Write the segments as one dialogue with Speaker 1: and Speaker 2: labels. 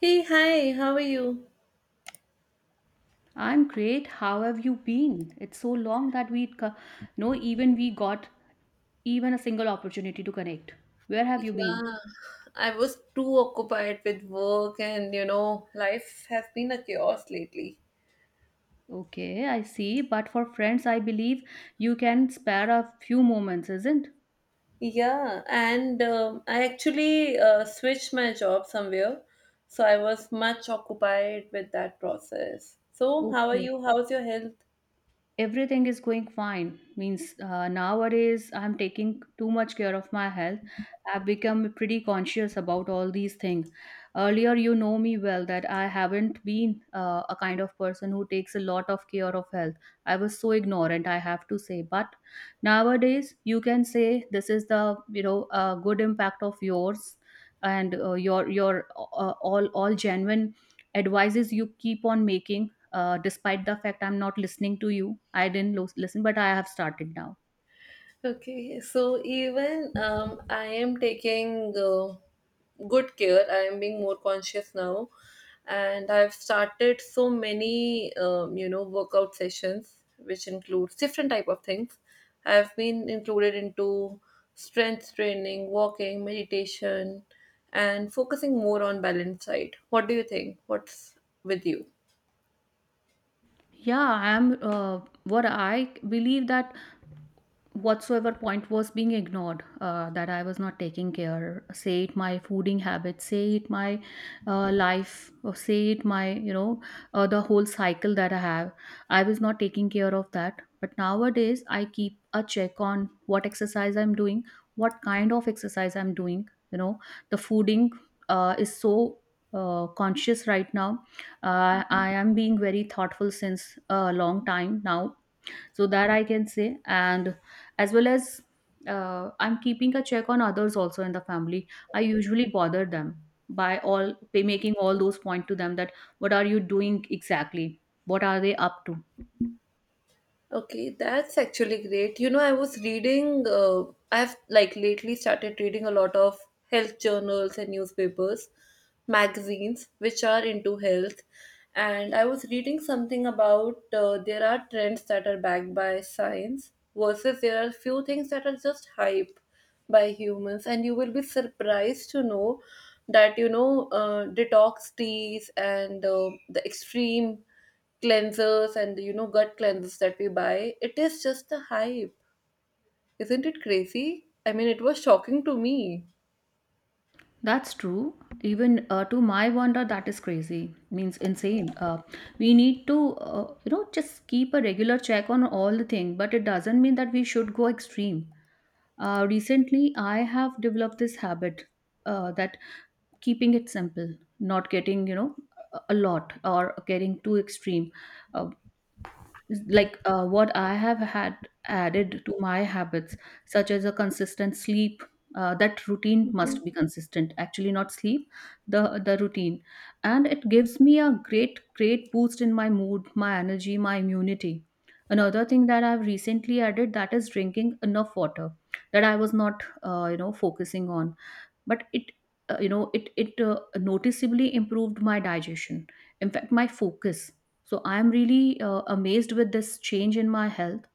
Speaker 1: Hey, hi, how are you?
Speaker 2: I'm great. How have you been? It's so long that no even we got even a single opportunity to connect. Where have you been?
Speaker 1: Yeah, I was too occupied with work, and you know, life has been a chaos lately.
Speaker 2: Okay, I see. But for friends, I believe you can spare a few moments, isn't?
Speaker 1: Yeah, and I actually switched my job somewhere, so I was much occupied with that process. So, how are
Speaker 2: Okay.
Speaker 1: you? How's your health?
Speaker 2: Everything is going fine. Means nowadays I'm taking too much care of my health. I've become pretty conscious about all these things. Earlier, you know me well that I haven't been a kind of person who takes a lot of care of health. I was so ignorant, I have to say, but nowadays you can say this is the, you know, good impact of yours. And your all genuine advices you keep on making, despite the fact I'm not listening to you. I didn't listen, but I have started now.
Speaker 1: Okay, so even I am taking good care. I am being more conscious now, and I've started so many you know workout sessions, which includes different type of things. I've been included into strength training, walking, meditation, and focusing more on balance side. What do you think? What's with you?
Speaker 2: Yeah, I'm what I believe that whatsoever point was being ignored, that I was not taking care. Say it my fooding habits, say it my life, or say it my, you know, the whole cycle that I have. I was not taking care of that, but nowadays I keep a check on what exercise I'm doing, what kind of exercise I'm doing, you know. The fooding is so conscious right now. I am being very thoughtful since a long time now, so that I can say. And as well as, I'm keeping a check on others also in the family. I usually bother them by all by making all those point to them, that what are you doing exactly, what are they up to.
Speaker 1: Okay, that's actually great. You know, I was reading, I've like lately started reading a lot of health journals and newspapers, magazines which are into health. And I was reading something about there are trends that are backed by science versus there are few things that are just hype by humans. And you will be surprised to know that, you know, detox teas and the extreme cleansers and the, you know gut cleansers that we buy, it is just the hype. Isn't it crazy? I mean, it was shocking to me.
Speaker 2: That's true. Even, to my wonder, that is crazy. Means insane. We need to, you know, just keep a regular check on all the thing, but it doesn't mean that we should go extreme. Recently, I have developed this habit, that keeping it simple, not getting, you know, a lot, or getting too extreme. uh, like, what I have had added to my habits, such as a consistent sleep. Uh, that routine must be consistent, actually, not sleep, the the routine. And it gives me a great, great boost in my mood, my energy, my immunity. Another thing that I've recently added, that is drinking enough water, that I was not, you know, focusing on. But it, you know, it noticeably improved my digestion, in fact my focus. So I am really amazed with this change in my health.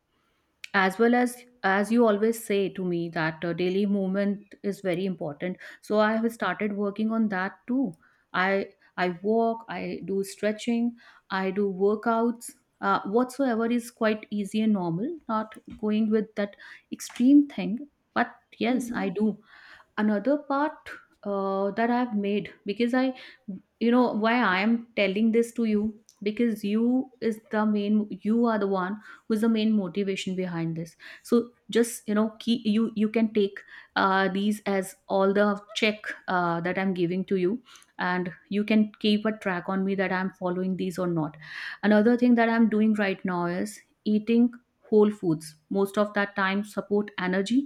Speaker 2: As well as you always say to me that daily movement is very important, so I have started working on that too. I i walk, I do stretching, I do workouts, whatsoever is quite easy and normal, not going with that extreme thing, but yes,
Speaker 1: Mhm.
Speaker 2: I do. Another part, that I've made because I, you know, why I am telling this to you, because you are the one who is the main motivation behind this. So just, you know, key, you can take, these as all the check, that I'm giving to you. And you can keep a track on me that I'm following these or not. Another thing that I'm doing right now is eating whole foods most of that time, support energy,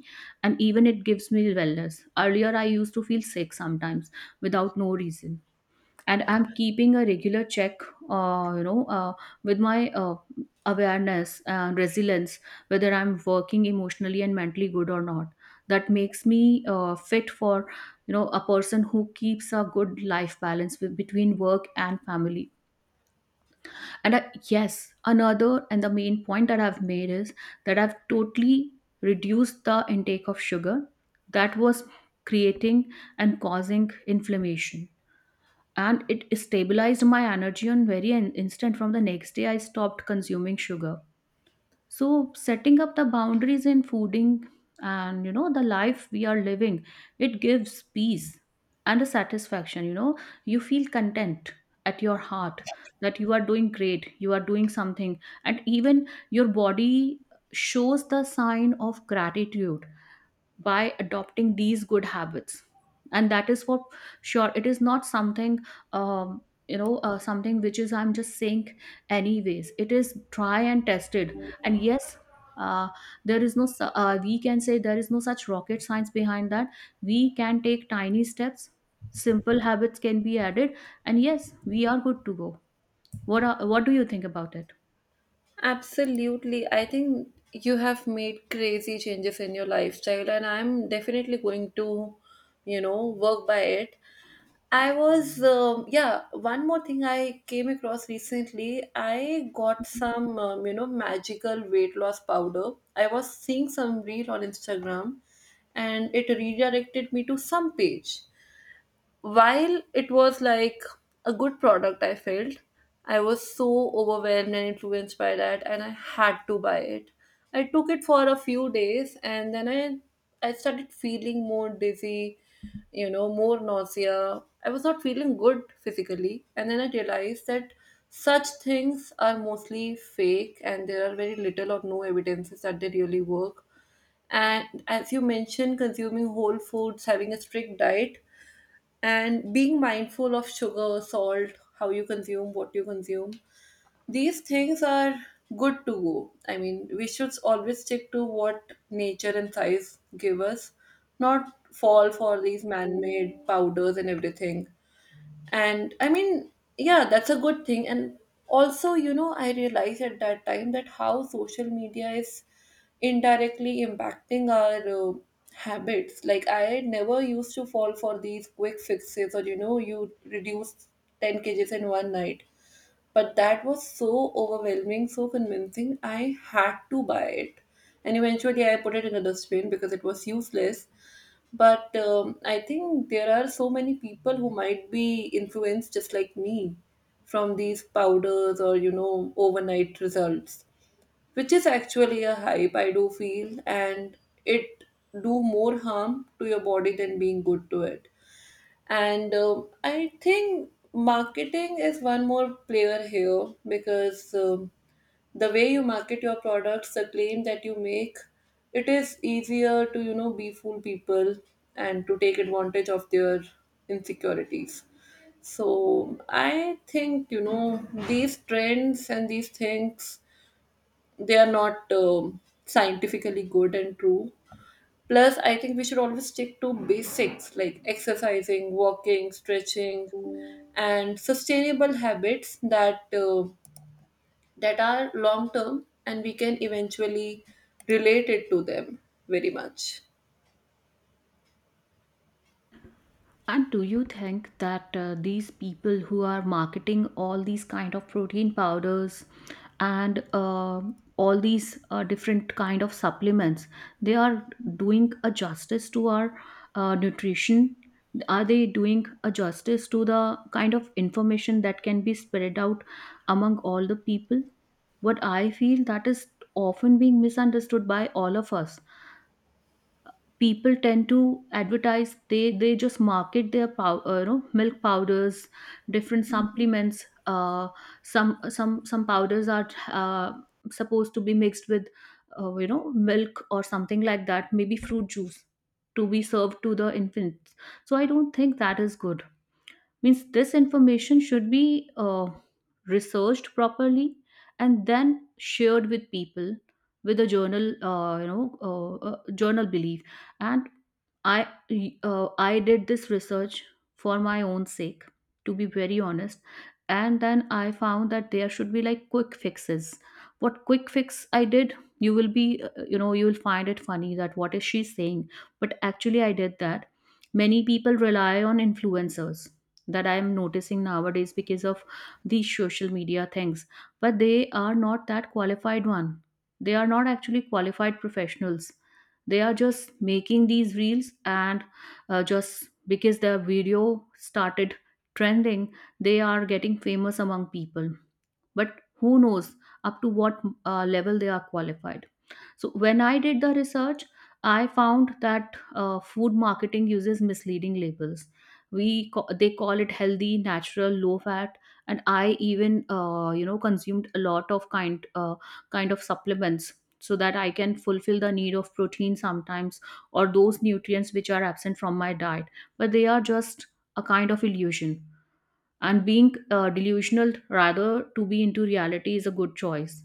Speaker 2: and even it gives me wellness. Earlier, I used to feel sick sometimes without no reason, and I'm keeping a regular check, you know, with my awareness, resilience, whether I'm working emotionally and mentally good or not. That makes me fit for, you know, a person who keeps a good life balance with, between work and family. And I, yes, another and the main point that I've made is that I've totally reduced the intake of sugar, that was creating and causing inflammation. And it stabilized my energy on very instant. From the next day, I stopped consuming sugar. So setting up the boundaries in fooding and, you know, the life we are living, it gives peace and a satisfaction, you know, you feel content at your heart, that you are doing great, you are doing something, and even your body shows the sign of gratitude by adopting these good habits. And that is for sure, it is not something, um, you know, something which is I'm just saying, anyways, it is try and tested. And yes, uh, there is no, we can say there is no such rocket science behind that. We can take tiny steps, simple habits can be added, and yes, we are good to go. What what do you think about it?
Speaker 1: Absolutely. I think you have made crazy changes in your lifestyle, and I'm definitely going to, you know, work by it. I was, one more thing I came across recently. I got some, you know, magical weight loss powder. I was seeing some reel on Instagram and it redirected me to some page. While it was like a good product I felt, I was so overwhelmed and influenced by that and I had to buy it. I took it for a few days and then I started feeling more dizzy, you know, more nausea. I was not feeling good physically and then I realized that such things are mostly fake and there are very little or no evidences that they really work. And as you mentioned, consuming whole foods, having a strict diet, and being mindful of sugar, salt, how you consume, what you consume. These things are good to go. I mean, we should always stick to what nature and science give us, not fall for these man made powders and everything. And I mean, yeah, that's a good thing. And also, you know, I realized at that time that how social media is indirectly impacting our habits. Like I never used to fall for these quick fixes or, you know, you reduce 10 kgs in one night. But that was so overwhelming, so convincing, I had to buy it. And eventually I put it in a dustbin because it was useless. But I think there are so many people who might be influenced just like me from these powders or, you know, overnight results, which is actually a hype, I do feel. And it do more harm to your body than being good to it. And I think marketing is one more player here because the way you market your products, the claim that you make, it is easier to, you know, befool people and to take advantage of their insecurities. So I think, you know, these trends and these things, they are not scientifically good and true. Plus, I think we should always stick to basics like exercising, walking, stretching, and sustainable habits that that are long term and we can eventually relate it to them very much.
Speaker 2: And do you think that these people who are marketing all these kind of protein powders and all these different kind of supplements, they are doing a justice to our nutrition? Are they doing a justice to the kind of information that can be spread out among all the people? What I feel that is often being misunderstood by all of us, people tend to advertise, they just market their you know, milk powders, different supplements, some powders are uh, supposed to be mixed with, you know, milk or something like that, maybe fruit juice, to be served to the infants. So I don't think that is good. Means this information should be researched properly and then shared with people with a journal, you know, journal belief. And i I did this research for my own sake, to be very honest. And then I found that there should be like quick fixes. What quick fix I did, you will be, you know, you will find it funny that what is she saying, but actually I did that. Many people rely on influencers, that I am noticing nowadays because of these social media things, but they are not that qualified one, they are not actually qualified professionals, they are just making these reels, and just because their video started trending, they are getting famous among people. But who knows up to what level they are qualified. So when I did the research, I found that food marketing uses misleading labels. They call it healthy, natural, low fat, and I even you know, consumed a lot of kind of supplements so that I can fulfill the need of protein sometimes, or those nutrients which are absent from my diet. But they are just a kind of illusion. And being delusional rather to be into reality is a good choice.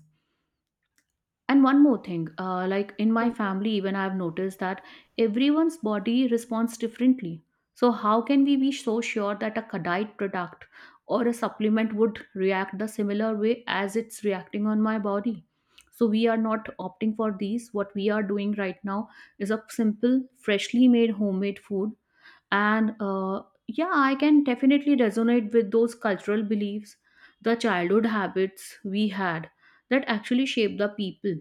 Speaker 2: And one more thing, like in my
Speaker 1: Yeah.
Speaker 2: family, even I've noticed that everyone's body responds differently. So, how can we be so sure that a diet product or a supplement would react the similar way as it's reacting on my body? So, we are not opting for these. What we are doing right now is a simple, freshly made homemade food. And yeah, I can definitely resonate with those cultural beliefs, the childhood habits we had, that actually shape the people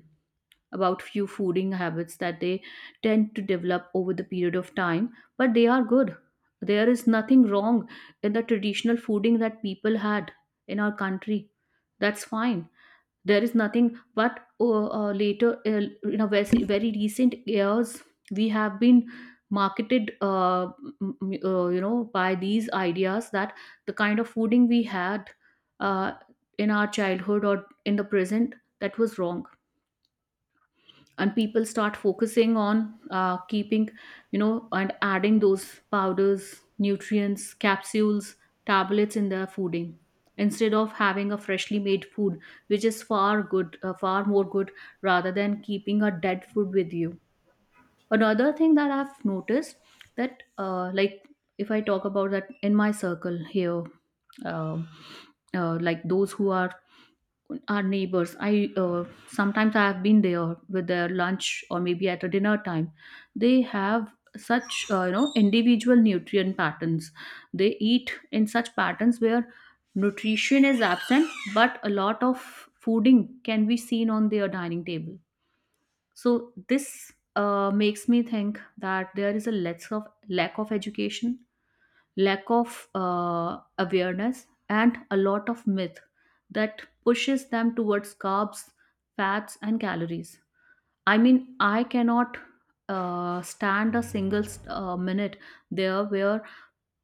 Speaker 2: about few fooding habits that they tend to develop over the period of time, but they are good. There is nothing wrong in the traditional fooding that people had in our country. That's fine. There is nothing, but later, in a very, very recent years, we have been marketed, you know, by these ideas that the kind of fooding we had, uh, in our childhood or in the present, that was wrong. And people start focusing on keeping, you know, and adding those powders, nutrients, capsules, tablets in their fooding, instead of having a freshly made food, which is far good, far more good, rather than keeping a dead food with you. Another thing that I've noticed, that like if I talk about that in my circle here, um, like those who are our neighbors, I sometimes I have been there with their lunch or maybe at a dinner time. They have such, you know, individual nutrient patterns. They eat in such patterns where nutrition is absent, but a lot of fooding can be seen on their dining table. So this makes me think that there is a less of lack of education, lack of awareness, and a lot of myth that pushes them towards carbs, fats, and calories. I mean, I cannot stand a single minute there where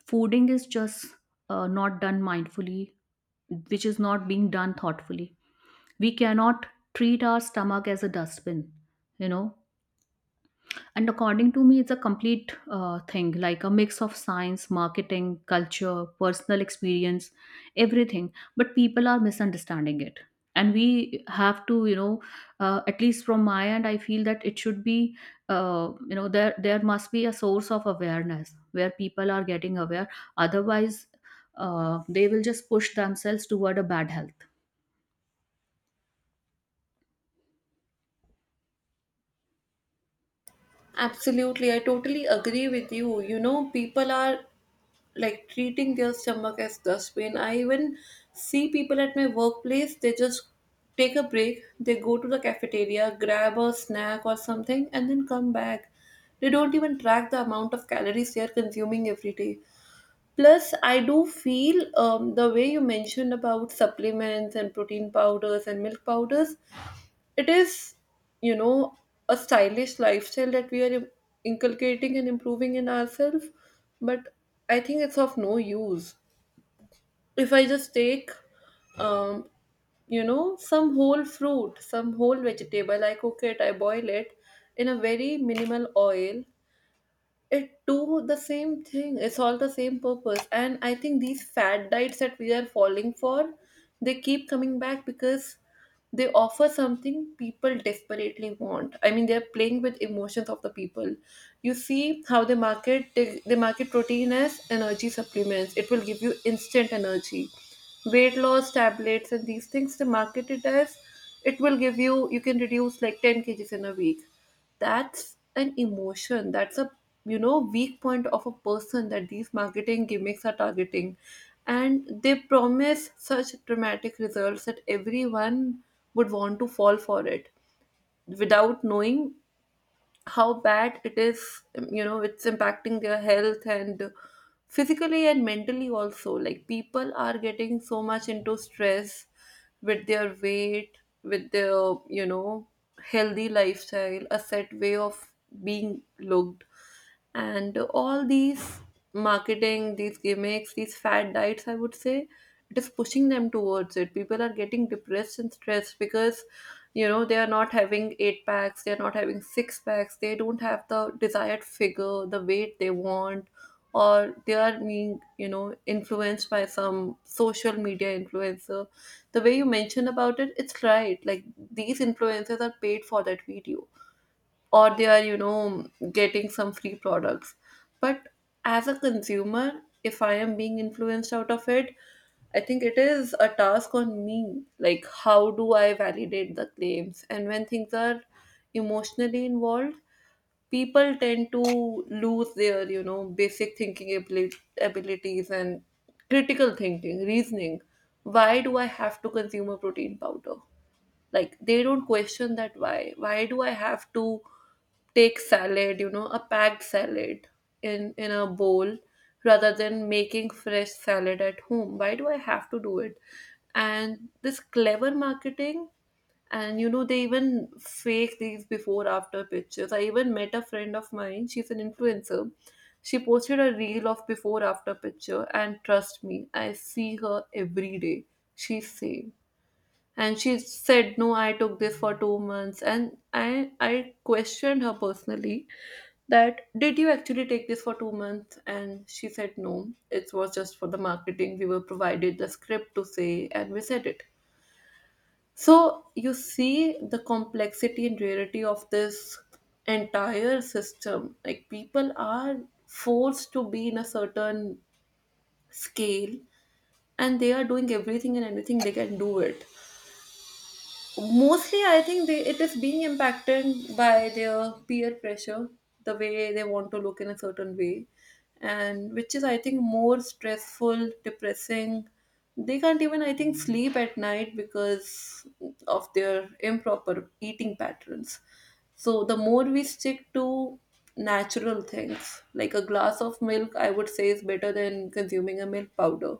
Speaker 2: fooding is just not done mindfully, which is not being done thoughtfully. We cannot treat our stomach as a dustbin you know and according to me, it's a complete thing, like a mix of science, marketing, culture, personal experience, everything, but people are misunderstanding it. And we have to, you know, at least from my end, I feel that it should be, you know, there must be a source of awareness where people are getting aware. Otherwise, they will just push themselves toward a bad health.
Speaker 1: Absolutely, I totally agree with you. You know, people are like treating their stomach as dustbin. I even see people at my workplace, they just take a break, they go to the cafeteria, grab a snack or something, and then come back. They don't even track the amount of calories they are consuming every day. Plus, I do feel the way you mentioned about supplements and protein powders and milk powders, it is, you know, a stylish lifestyle that we are inculcating and improving in ourselves. But I think it's of no use. If I just take, um you know, some whole fruit, some whole vegetable, I cook it, I boil it in a very minimal oil, it do the same thing, it's all the same purpose. And I think these fad diets that we are falling for, they keep coming back because they offer something people desperately want. I mean, they're playing with emotions of the people. You see how they market, they market protein as energy supplements, it will give you instant energy. Weight loss tablets and these things, they market it as it will give you can reduce like 10 kgs in a week. That's an emotion, that's a, you know, weak point of a person that these marketing gimmicks are targeting. And they promise such dramatic results that everyone would want to fall for it without knowing how bad it is, you know, it's impacting their health, and physically and mentally also. Like people are getting so much into stress with their weight, with their, you know, healthy lifestyle, a set way of being looked. And all these marketing, these gimmicks, these fad diets, I would say, it is pushing them towards it. People are getting depressed and stressed because, you know, they are not having eight packs, they are not having six packs, they don't have the desired figure, the weight they want. Or they are being, you know, influenced by some social media influencer. The way you mentioned about it, it's right. Like these influencers are paid for that video, or they are, you know, getting some free products. But as a consumer, if I am being influenced out of it, I think it is a task on me, like how do I validate the claims. And when things are emotionally involved, people tend to lose their, you know, basic thinking abilities and critical thinking, reasoning. Why do I have to consume a protein powder? Like they don't question that. Why do I have to take salad, you know, a packed salad in a bowl, rather than making fresh salad at home? Why do I have to do it? And this clever marketing, and you know, they even fake these before after pictures. I even met a friend of mine, she's an influencer. She posted a reel of before after picture and trust me, I see her every day, she's same. And she said, no, I took this for 2 months. And I questioned her personally, that did you actually take this for 2 months? And she said, no, it was just for the marketing, we were provided the script to say and we said it. So you see the complexity and rarity of this entire system. Like people are forced to be in a certain scale and they are doing everything and anything, they can do it. Mostly, I think they, it is being impacted by their peer pressure, the way they want to look in a certain way, and which is I think more stressful, depressing. They can't even, I think, sleep at night because of their improper eating patterns. So the more we stick to natural things, like a glass of milk, I would say is better than consuming a milk powder.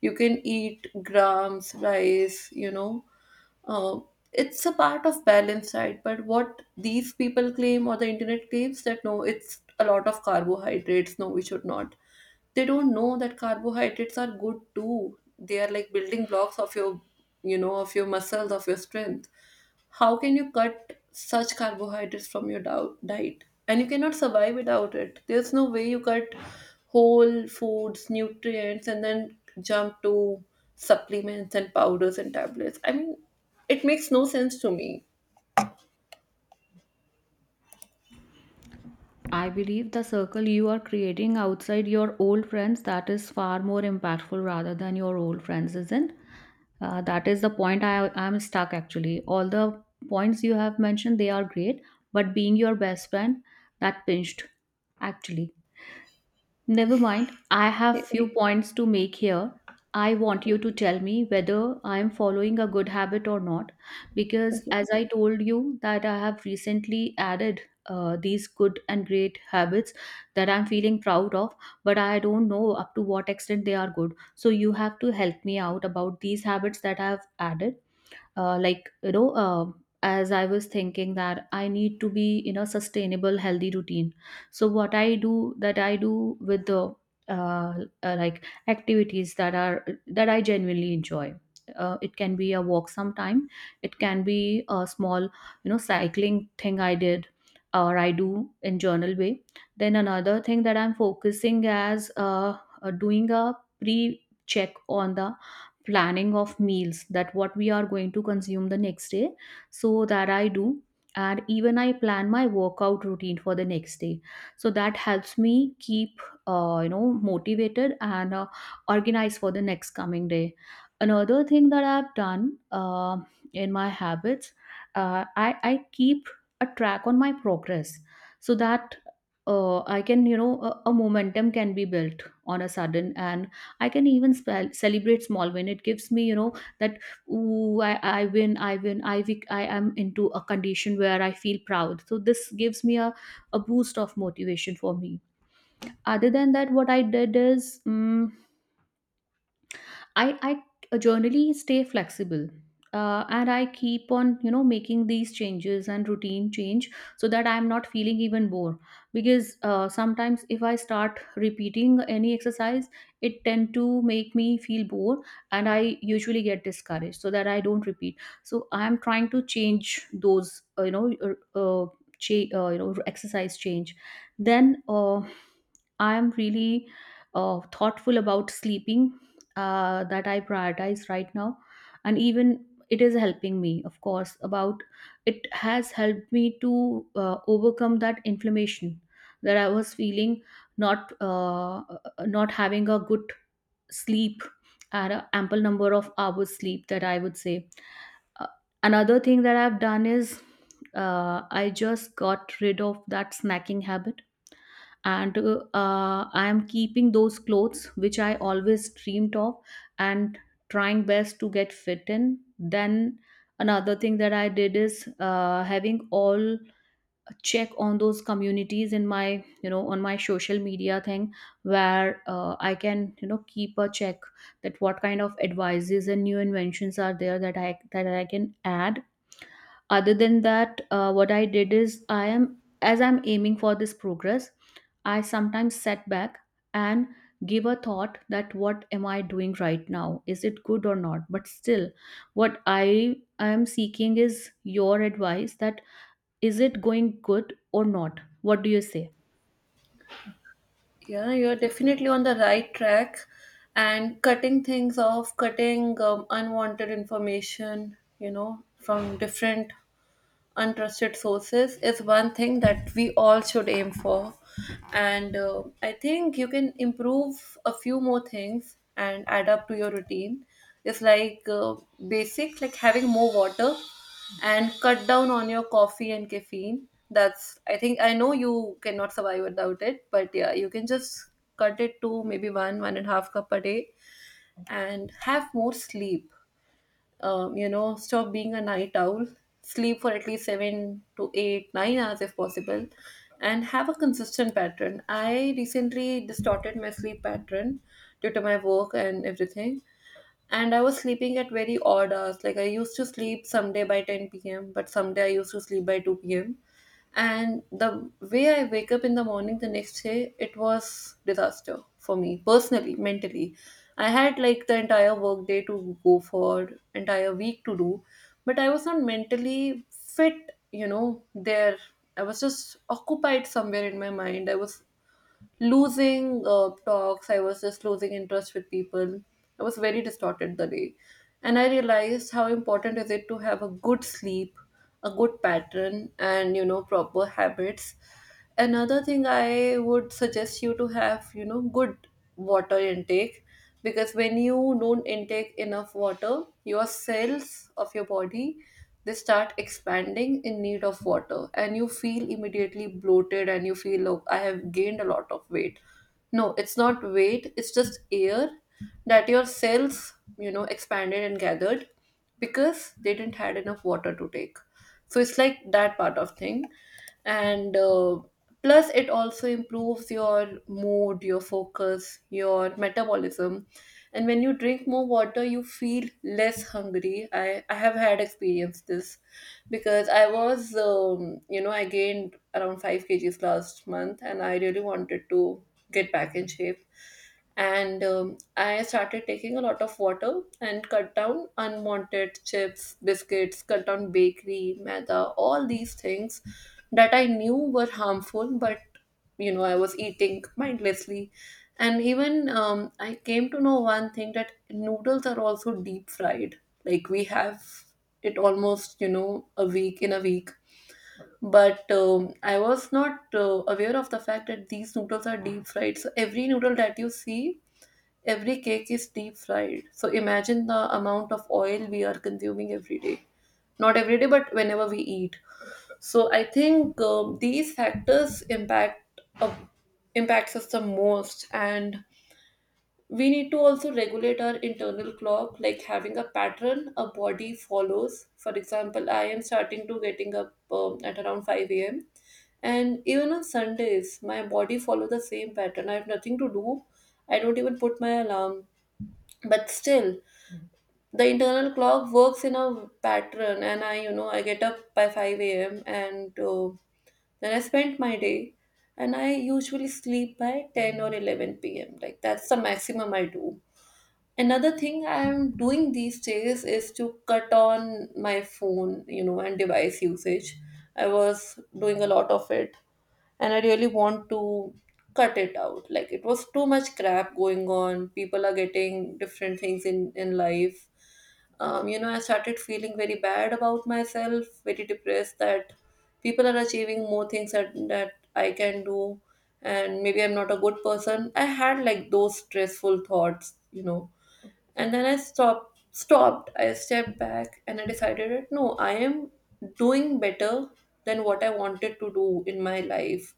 Speaker 1: You can eat grams, rice, you know, uh, it's a part of balance, right? But what these people claim or the internet claims that no, it's a lot of carbohydrates, no, we should not. They don't know that carbohydrates are good too. They are like building blocks of your, you know, of your muscles, of your strength. How can you cut such carbohydrates from your diet? And you cannot survive without it. There's no way you cut whole foods, nutrients, and then jump to supplements and powders and tablets. I mean, it makes no sense to me.
Speaker 2: I believe the circle you are creating outside your old friends, that is far more impactful rather than your old friends, isn't? That is the point I am stuck actually. All the points you have mentioned, they are great, but being your best friend, that pinched actually. Never mind. I
Speaker 1: Yeah,
Speaker 2: have few points to make here. I want you to tell me whether I am following a good habit or not, because
Speaker 1: okay.
Speaker 2: as I told you, that I have recently added these good and great habits that I'm feeling proud of, but I don't know up to what extent they are good. So you have to help me out about these habits that I've added, like as I was thinking that I need to be in a sustainable healthy routine. So what I do, that I do with the uh, like activities that are that I genuinely enjoy. It can be a walk sometime, it can be a small, you know, cycling thing I did, or I do in journal way. Then another thing that I'm focusing as, doing a pre check on the planning of meals, that what we are going to consume the next day, so that I do. And even I plan my workout routine for the next day, so that helps me keep you know, motivated and organized for the next coming day. Another thing that I've done, in my habits, I keep a track on my progress, so that I can, you know, a momentum can be built on a sudden, and I can even spell, celebrate small win. It gives me, you know, that ooh, I win, I win, I wic- I am into a condition where I feel proud. So this gives me a boost of motivation for me. Other than that, what I did is. mm I I generally stay flexible. And I keep on, you know, making these changes and routine change, so that I'm not feeling even more. Because sometimes if I start repeating any exercise, it tend to make me feel bored, and I usually get discouraged, so that I don't repeat. So I am trying to change those, uh, you know, exercise change. Then I am really thoughtful about sleeping, that I prioritize right now, and even it is helping me, of course. About it has helped me to overcome that inflammation that I was feeling, not uh, not having a good sleep and an ample number of hours sleep, that I would say. Uh, Another thing that I've done is, I just got rid of that snacking habit, and I am keeping those clothes which I always dreamed of and trying best to get fit in. Then another thing that I did is, having all check on those communities in my, you know, on my social media thing, where I can, you know, keep a check, that what kind of advices and new inventions are there, that I can add. Other than that, what I did is, I am, as I'm aiming for this progress, I sometimes set back and give a thought, that what am I doing right now, is it good or not. But still, what I am seeking is your advice, that is it going good or not, what do you say?
Speaker 1: Yeah, you're definitely on the right track. And cutting things off, cutting unwanted information, you know, from different untrusted sources is one thing that we all should aim for. And I think you can improve a few more things and add up to your routine. It's like, basic, like having more water, and cut down on your coffee and caffeine. That's, I think, I know you cannot survive without it, but yeah, you can just cut it to maybe one and a half cup a day. And have more sleep. You know, stop being a night owl, sleep for at least 7 to 8, 9 hours if possible, and have a consistent pattern. I recently distorted my sleep pattern due to my work and everything, and I was sleeping at very odd hours. Like I used to sleep someday by 10 p.m., but someday I used to sleep by 2 p.m. And the way I wake up in the morning the next day, it was disaster for me personally, mentally. I had like the entire work day to go for, entire week to do, but I was not mentally fit. You know, there I was just occupied somewhere in my mind. I was losing talks. I was just losing interest with people. I was very distorted the day. And I realized how important is it to have a good sleep, a good pattern, and you know, proper habits. Another thing I would suggest you to have, you know, good water intake because when you don't intake enough water, your cells of your body they start expanding in need of water, and you feel immediately bloated and you feel, oh, I have gained a lot of weight. No, it's not weight, it's just air that your cells, you know, expanded and gathered because they didn't had enough water to take. So it's like that part of thing. And plus it also improves your mood, your focus, your metabolism. And when you drink more water, you feel less hungry. I have had experienced this because I was I gained around 5 kg kgs last month, and I really wanted to get back in shape. And I started taking a lot of water and cut down unwanted chips, biscuits, cut down bakery, maida, all these things that I knew were harmful, but you know, I was eating mindlessly. And even I came to know one thing, that noodles are also deep fried. Like we have it almost, you know, a week. But I was not aware of the fact that these noodles are deep fried. So every noodle that you see, every cake is deep fried. So imagine the amount of oil we are consuming every day. Not every day, but whenever we eat. So I think these factors impacts us the most. And we need to also regulate our internal clock, like having a pattern a body follows. For example, I am starting to getting up at around five a.m. And even on Sundays, my body follow the same pattern. I have nothing to do. I don't even put my alarm, but still the internal clock works in a pattern. And I, you know, I get up by 5 a.m. And then I spend my day, and I usually sleep by 10 or 11 p.m. Like that's the maximum I do. Another thing I am doing these days is to cut on my phone, you know, and device usage. I was doing a lot of it, and I really want to cut it out. Like it was too much crap going on. People are getting different things in life. You know, I started feeling very bad about myself, very depressed, that people are achieving more things that I can do, and maybe I'm not a good person. I had like those stressful thoughts, you know. And then I stopped stopped I stepped back, and I decided that, no, I am doing better than what I wanted to do in my life.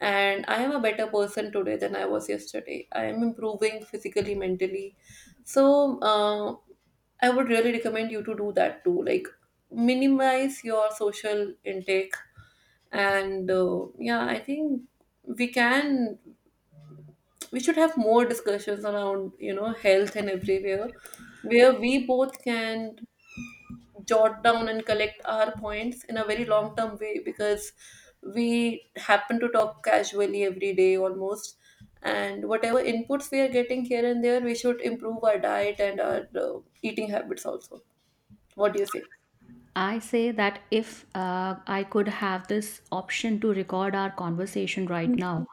Speaker 1: And I am a better person today than I was yesterday. I am improving physically, mentally. So I would really recommend you to do that too. Like minimize your social intake. And yeah, I think we can we should have more discussions around, you know, health and everywhere, where we both can jot down and collect our points in a very long term way, because we happen to talk casually every day almost. And whatever inputs we are getting here and there, we should improve our diet and our eating habits also. What do you say?
Speaker 2: I say that, if I could have this option to record our conversation right now,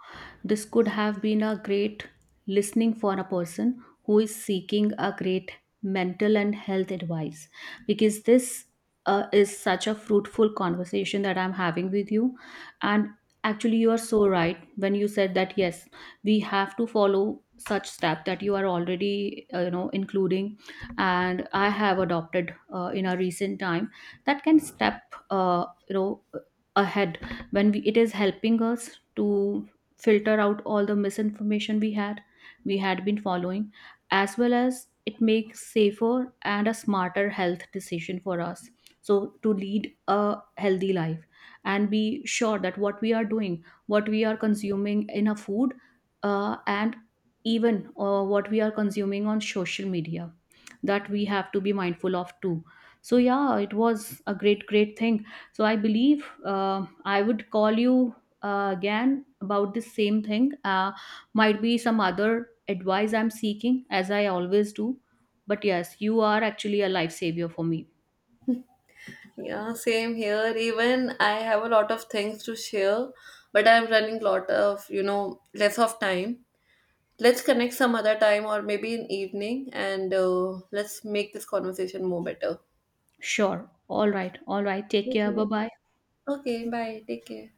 Speaker 2: this could have been a great listening for a person who is seeking a great mental and health advice, because this is such a fruitful conversation that I'm having with you. And actually, you are so right when you said that yes, we have to follow such step that you are already, you know, including, and I have adopted in a recent time, that can step, you know, ahead. When we, it is helping us to filter out all the misinformation we had, we had been following, as well as it makes safer and a smarter health decision for us, so to lead a healthy life and be sure that what we are doing, what we are consuming in a food, and even what we are consuming on social media, that we have to be mindful of too. So yeah, it was a great great thing. So I believe, I would call you again about the same thing, might be some other advice I'm seeking, as I always do. But yes, you are actually a lifesaver for me.
Speaker 1: Yeah, same here. Even I have a lot of things to share, but I'm running lot of, you know, less of time. Let's connect some other time or maybe in evening, and let's make this conversation more better.
Speaker 2: Sure, all right, all right, take care, bye
Speaker 1: Okay.
Speaker 2: bye.
Speaker 1: Okay, bye. Take care.